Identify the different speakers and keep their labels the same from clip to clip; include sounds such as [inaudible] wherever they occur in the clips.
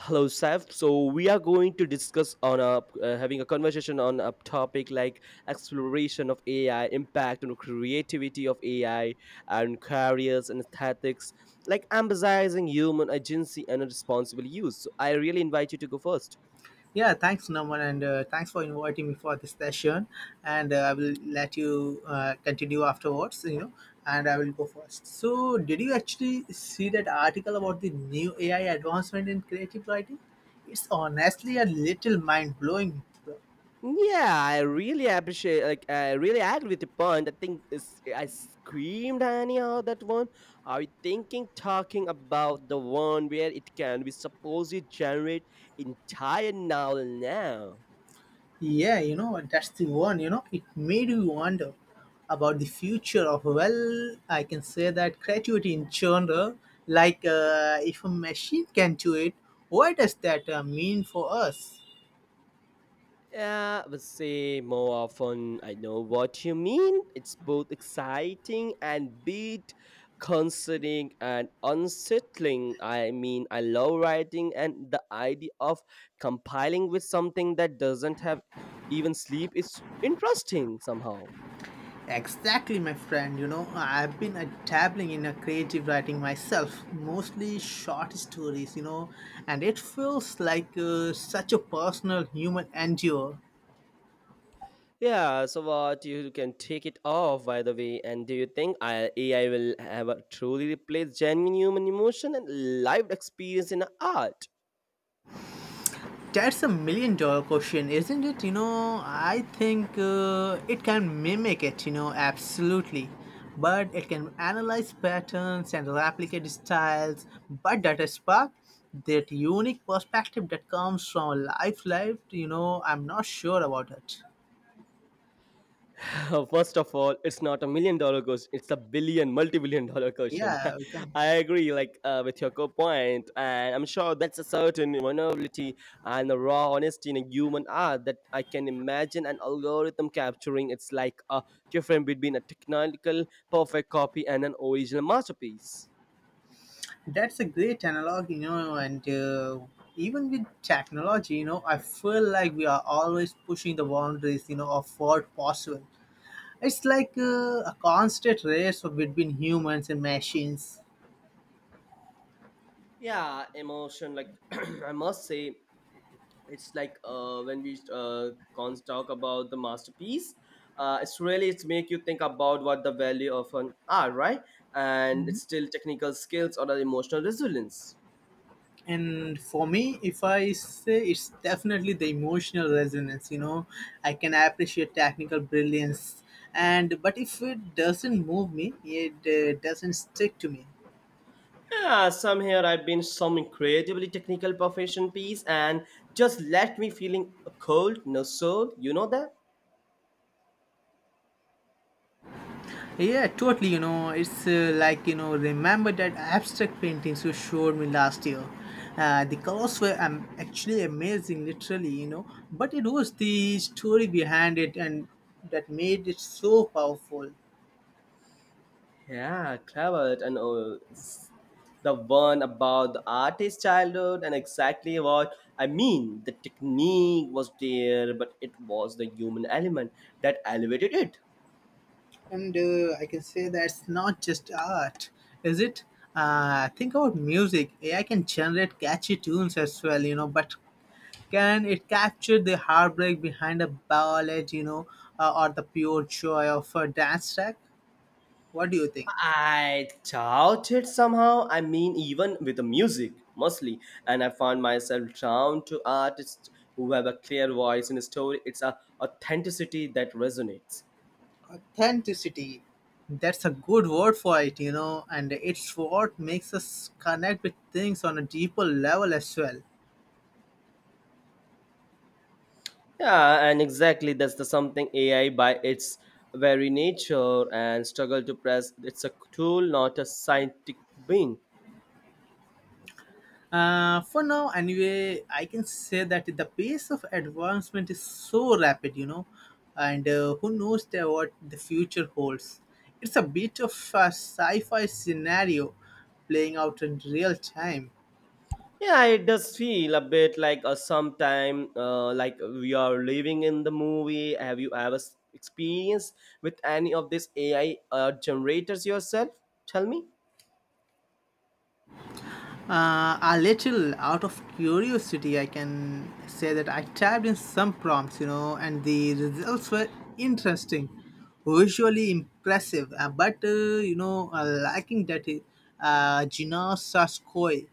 Speaker 1: Hello, Saf. So we are going to discuss on a having a conversation on a topic like exploration of AI, impact on creativity of AI, and careers and aesthetics, like emphasizing human agency and responsible use. So I really invite you to go first.
Speaker 2: Yeah, thanks, Naman, and thanks for inviting me for this session. And I will let you continue afterwards, and I will go first. So, did you actually see that article about the new AI advancement in creative writing? It's honestly a little mind blowing.
Speaker 1: Yeah, I really appreciate. Like, I really agree with the point. I think it's, I screamed anyhow that one. Are you thinking talking about the one where it can be supposed to generate entire novel now?
Speaker 2: Yeah, that's the one, it made you wonder about the future of, well, I can say that creativity in genre. If a machine can do it, what does that mean for us?
Speaker 1: Yeah, I would say more often I know what you mean. It's both exciting and bit concerning and unsettling. I mean, I love writing and the idea of compiling with something that doesn't have even sleep is interesting somehow.
Speaker 2: Exactly, my friend. You know, I've been dabbling in a creative writing myself, mostly short stories, and it feels like such a personal human endeavor.
Speaker 1: Yeah, so what you can take it off by the way, and do you think AI will ever truly replace genuine human emotion and lived experience in art?
Speaker 2: That's a $1 million question, isn't it? I think it can mimic it, absolutely. But it can analyze patterns and replicate styles. But that is spark, that unique perspective that comes from life, I'm not sure about it.
Speaker 1: [laughs] First of all, it's not a million dollar question; it's a billion, multi billion dollar question.
Speaker 2: Yeah, we can.
Speaker 1: [laughs] I agree, with your point, and I'm sure that's a certain vulnerability and a raw honesty in a human art that I can imagine an algorithm capturing. It's like a difference between a technical perfect copy and an original masterpiece.
Speaker 2: That's a great analog, and even with technology, I feel like we are always pushing the boundaries of what possible. It's like a constant race between humans and machines.
Speaker 1: Yeah, emotion. Like [clears throat] I must say, it's when we cons talk about the masterpiece, it's really it's make you think about what the value of an art, right? And it's still technical skills or the emotional resilience.
Speaker 2: And for me, if I say it's definitely the emotional resonance. I can appreciate technical brilliance, and but if it doesn't move me, it doesn't stick to me.
Speaker 1: Yeah, some here I've been some incredibly technical profession piece, and just left me feeling cold. No soul, you know that.
Speaker 2: Yeah, totally. You know, it's like, you know, Remember that abstract paintings you showed me last year. The colors were actually amazing, literally, but it was the story behind it and that made it so powerful.
Speaker 1: Yeah, clever and all. It's the one about the artist's childhood, and exactly what I mean. The technique was there, but it was the human element that elevated it.
Speaker 2: And I can say that's not just art, is it? Think about music. AI can generate catchy tunes as well, but can it capture the heartbreak behind a ballad, or the pure joy of a dance track? What do you think?
Speaker 1: I doubt it somehow. I mean, even with the music, mostly. And I found myself drawn to artists who have a clear voice in a story. It's a authenticity that resonates.
Speaker 2: Authenticity. That's a good word for it, and it's what makes us connect with things on a deeper level as well.
Speaker 1: Yeah, and exactly that's the something AI by its very nature and struggle to press. It's a tool, not a scientific being.
Speaker 2: For now, anyway, I can say that the pace of advancement is so rapid, and who knows what the future holds. It's a bit of a sci fi scenario playing out in real time.
Speaker 1: Yeah, it does feel a bit like a sometime, like we are living in the movie. Have you ever experienced with any of these AI generators yourself? Tell me.
Speaker 2: A little out of curiosity, I can say that I typed in some prompts, and the results were interesting, visually impressive, but lacking that Gina Saskoi.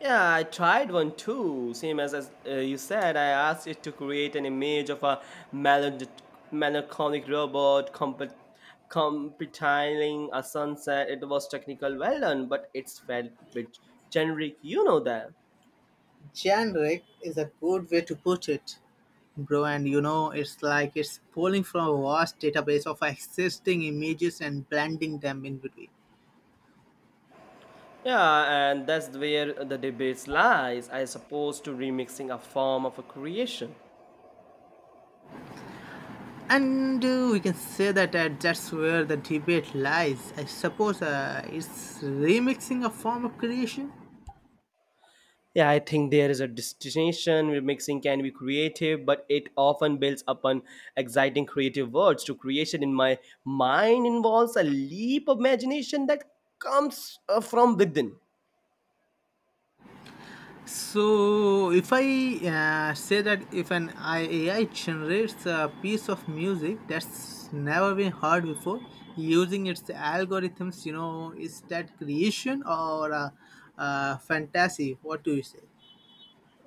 Speaker 1: Yeah, I tried one too. Same as you said, I asked it to create an image of a melod- melancholic robot competiling a sunset. It was technical, well done, but it's felt a bit generic, you know that.
Speaker 2: Generic is a good way to put it, bro. And you know, it's like it's pulling from a vast database of existing images and blending them in between.
Speaker 1: Yeah, and that's where the debates lies, I suppose, to remixing a form of a creation.
Speaker 2: And we can say that That's where the debate lies. I suppose it's remixing a form of creation.
Speaker 1: Yeah, I think there is a distinction. Remixing can be creative, but it often builds upon exciting creative words. To creation in my mind involves a leap of imagination that comes from within.
Speaker 2: So, if I say that if AI generates a piece of music that's never been heard before using its algorithms, is that creation or a fantasy? What do you say?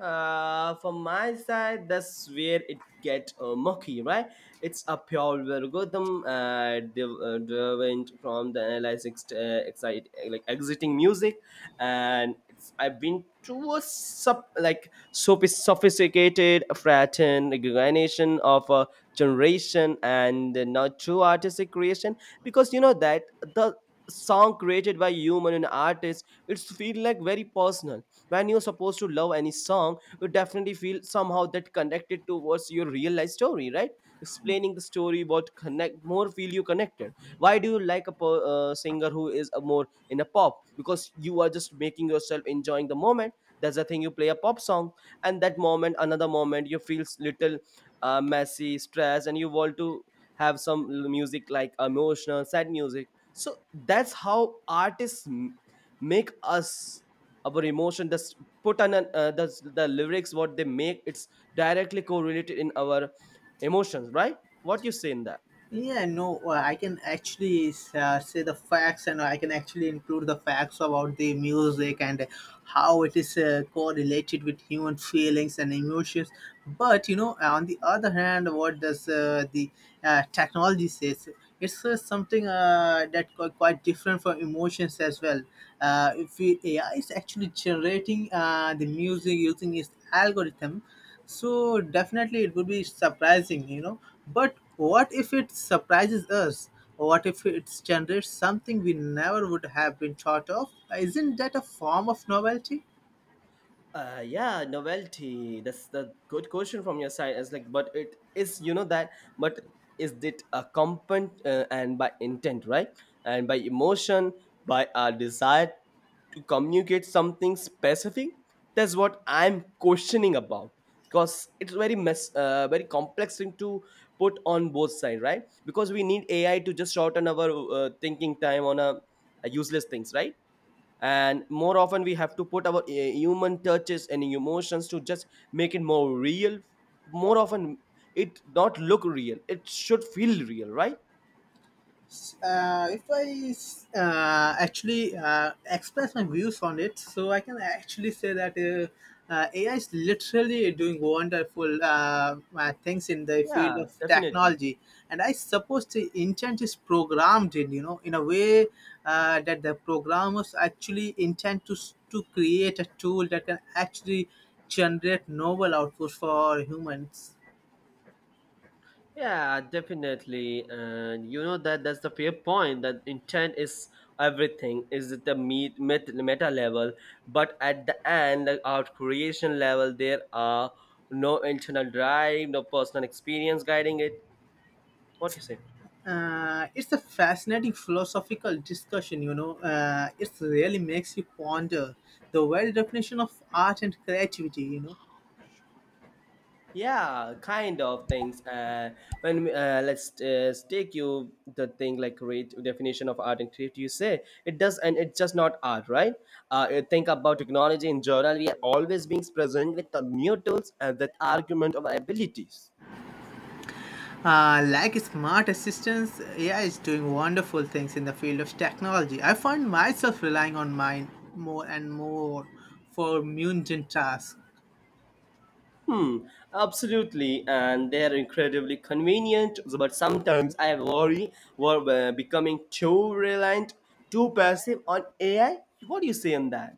Speaker 1: From my side, that's where it get murky, right? It's a pure algorithm driven from the analyzing like exiting music, and it's I've been to a sophisticated fratern granation of a generation and not true artistic creation, because you know that the song created by human and artist it's feel like very personal. When you're supposed to love any song, you definitely feel somehow that connected towards your real life story, right? Explaining the story what connect more feel you connected. Why do you like a singer who is a more in a pop? Because you are just making yourself enjoying the moment. That's the thing, you play a pop song, and that moment another moment you feel little messy stressed and you want to have some music like emotional sad music. So that's how artists make us our emotion just put on the lyrics what they make. It's directly correlated in our emotions, right? What you say in that?
Speaker 2: Yeah, no, I can actually say the facts, and I can actually include the facts about the music and how it is correlated with human feelings and emotions. But you know, on the other hand, what does the technology says? It's something that quite different from emotions as well. If we, AI is actually generating the music using its algorithm, so definitely it would be surprising, you know. But what if it surprises us? What if it generates something we never would have been thought of? Isn't that a form of novelty?
Speaker 1: Yeah, novelty, that's the good question from your side. It's like, but it is, you know that. But is it accompanied and by intent, right? And by emotion, by our desire to communicate something specific. That's what I'm questioning about, because it's very mess very complex thing to put on both sides, right? Because we need AI to just shorten our thinking time on a useless things, right? And more often we have to put our human touches and emotions to just make it more real. More often, it not look real, it should feel real, right?
Speaker 2: If I actually express my views on it, so I can actually say that AI is literally doing wonderful things in the field
Speaker 1: Yeah,
Speaker 2: of
Speaker 1: definitely.
Speaker 2: technology, and I suppose the intent is programmed in you know in a way that the programmers actually intend to to create a tool that can actually generate novel outputs for humans.
Speaker 1: Yeah, definitely. And you know that that's the fair point, that intent is everything is at the meta level, but at the end, like our creation level, there are no internal drive, no personal experience guiding it. What do you say?
Speaker 2: It's a fascinating philosophical discussion, you know. It really makes you ponder the very definition of art and creativity, you know.
Speaker 1: Yeah, kind of things, when let's take you the thing like great definition of art and creativity, you say it does and it's just not art, right? You think about technology in general, we are always being present with the new tools and that argument of our abilities.
Speaker 2: Like smart assistants, AI is doing wonderful things in the field of technology. I find myself relying on mine more and more for mundane tasks.
Speaker 1: Hmm, absolutely, and they're incredibly convenient. But sometimes I worry we're becoming too reliant, too passive on AI. What do you say on that?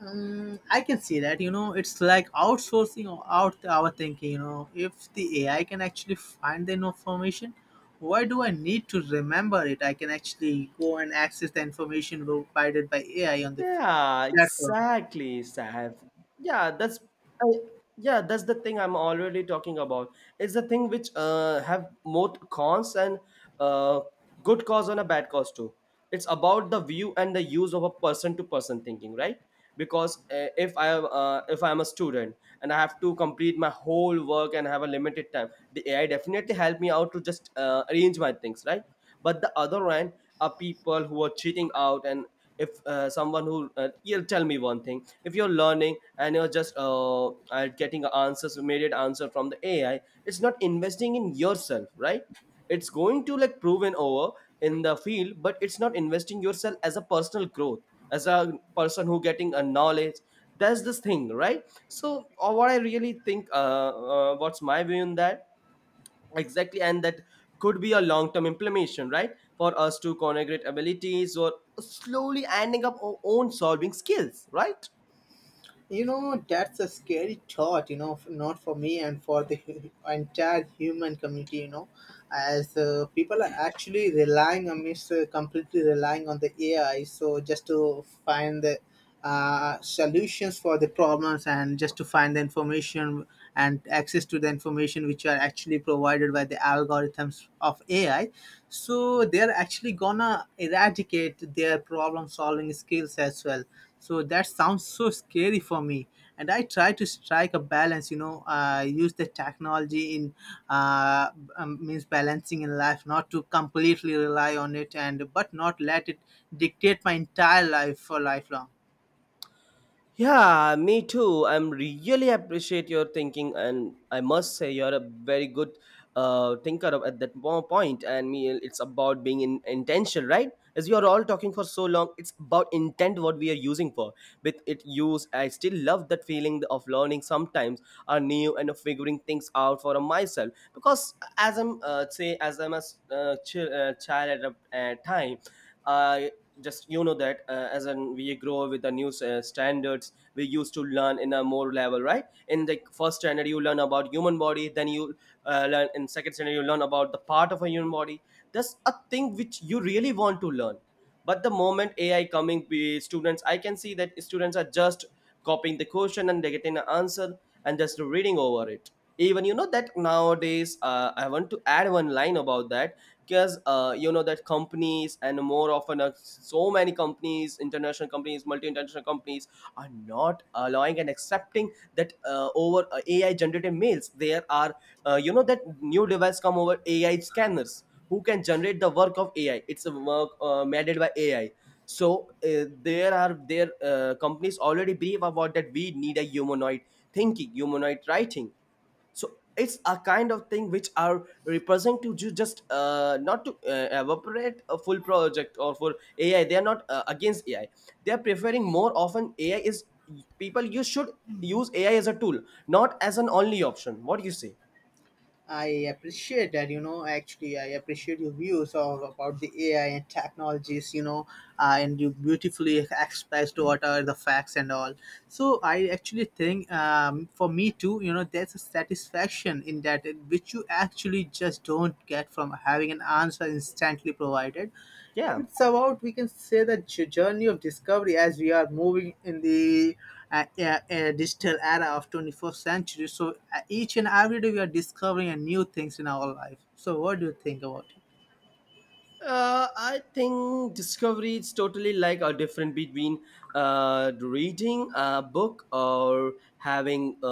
Speaker 2: I can see that. You know, it's like outsourcing out our thinking. You know, if the AI can actually find the information, why do I need to remember it? I can actually go and access the information provided by AI on the
Speaker 1: Yeah,
Speaker 2: platform.
Speaker 1: exactly, Sav. Yeah, that's I, yeah, that's the thing I'm already talking about. It's the thing which have more cons and uh, good cause and a bad cause too. It's about the view and the use of a person to person thinking, right? Because if I'm a student and I have to complete my whole work and have a limited time, the AI definitely help me out to just arrange my things, right? But the other end are people who are cheating out. And if someone who, you'll tell me one thing, if you're learning and you're just getting answers immediate answer from the AI, it's not investing in yourself, right? It's going to like proven over in the field, but it's not investing yourself as a personal growth, as a person who getting a knowledge. That's this thing, right? So what I really think what's my view on that. Exactly, and that could be a long-term implementation, right? For us to congregate abilities or slowly adding up our own solving skills, right?
Speaker 2: You know, that's a scary thought, you know, not for me and for the entire human community, you know, as people are actually completely relying on the AI. So just to find the solutions for the problems and just to find the information and access to the information which are actually provided by the algorithms of AI. So they're actually gonna eradicate their problem solving skills as well, so that sounds so scary for me, and I try to strike a balance, use the technology in uh, means balancing in life, not to completely rely on it, and but not let it dictate my entire life for lifelong.
Speaker 1: Yeah, me too. I'm really appreciate your thinking, and I must say you're a very good thinker at that point. And me, it's about being intentional, right? As we are all talking for so long, it's about intent what we are using for. With it use, I still love that feeling of learning sometimes are new and of figuring things out for myself. Because as I'm child at a time. I just you know that, as in we grow with the new standards we used to learn in a more level, right? In the first standard you learn about human body, then you learn in second standard you learn about the part of a human body. That's a thing which you really want to learn. But the moment AI coming be students, I can see that students are just copying the question and they getting an answer and just reading over it. Even you know that nowadays I want to add one line about that. Because you know that companies, and more often so many companies, international companies, multi-international companies, are not allowing and accepting that, over, AI generated mails. There are, you know that, new device come over AI scanners who can generate the work of AI. It's a work made by AI. So there are their companies already brief about that we need a humanoid thinking, humanoid writing. So it's a kind of thing which are represent to just not to evaporate a full project or for AI. They are not against AI. They are preferring more often AI is people. You should use AI as a tool, not as an only option. What do you say?
Speaker 2: I appreciate that, you know. Actually, I appreciate your views of about the AI and technologies, you know, and you beautifully expressed what are the facts and all. So I actually think, for me too, you know, there's a satisfaction in that, which you actually just don't get from having an answer instantly provided.
Speaker 1: Yeah.
Speaker 2: It's about we can say the journey of discovery as we are moving in the uh, uh, digital era of 21st century, so each and every day we are discovering new things in our life. So what do you think about it?
Speaker 1: I think discovery is totally like a different between reading a book or having a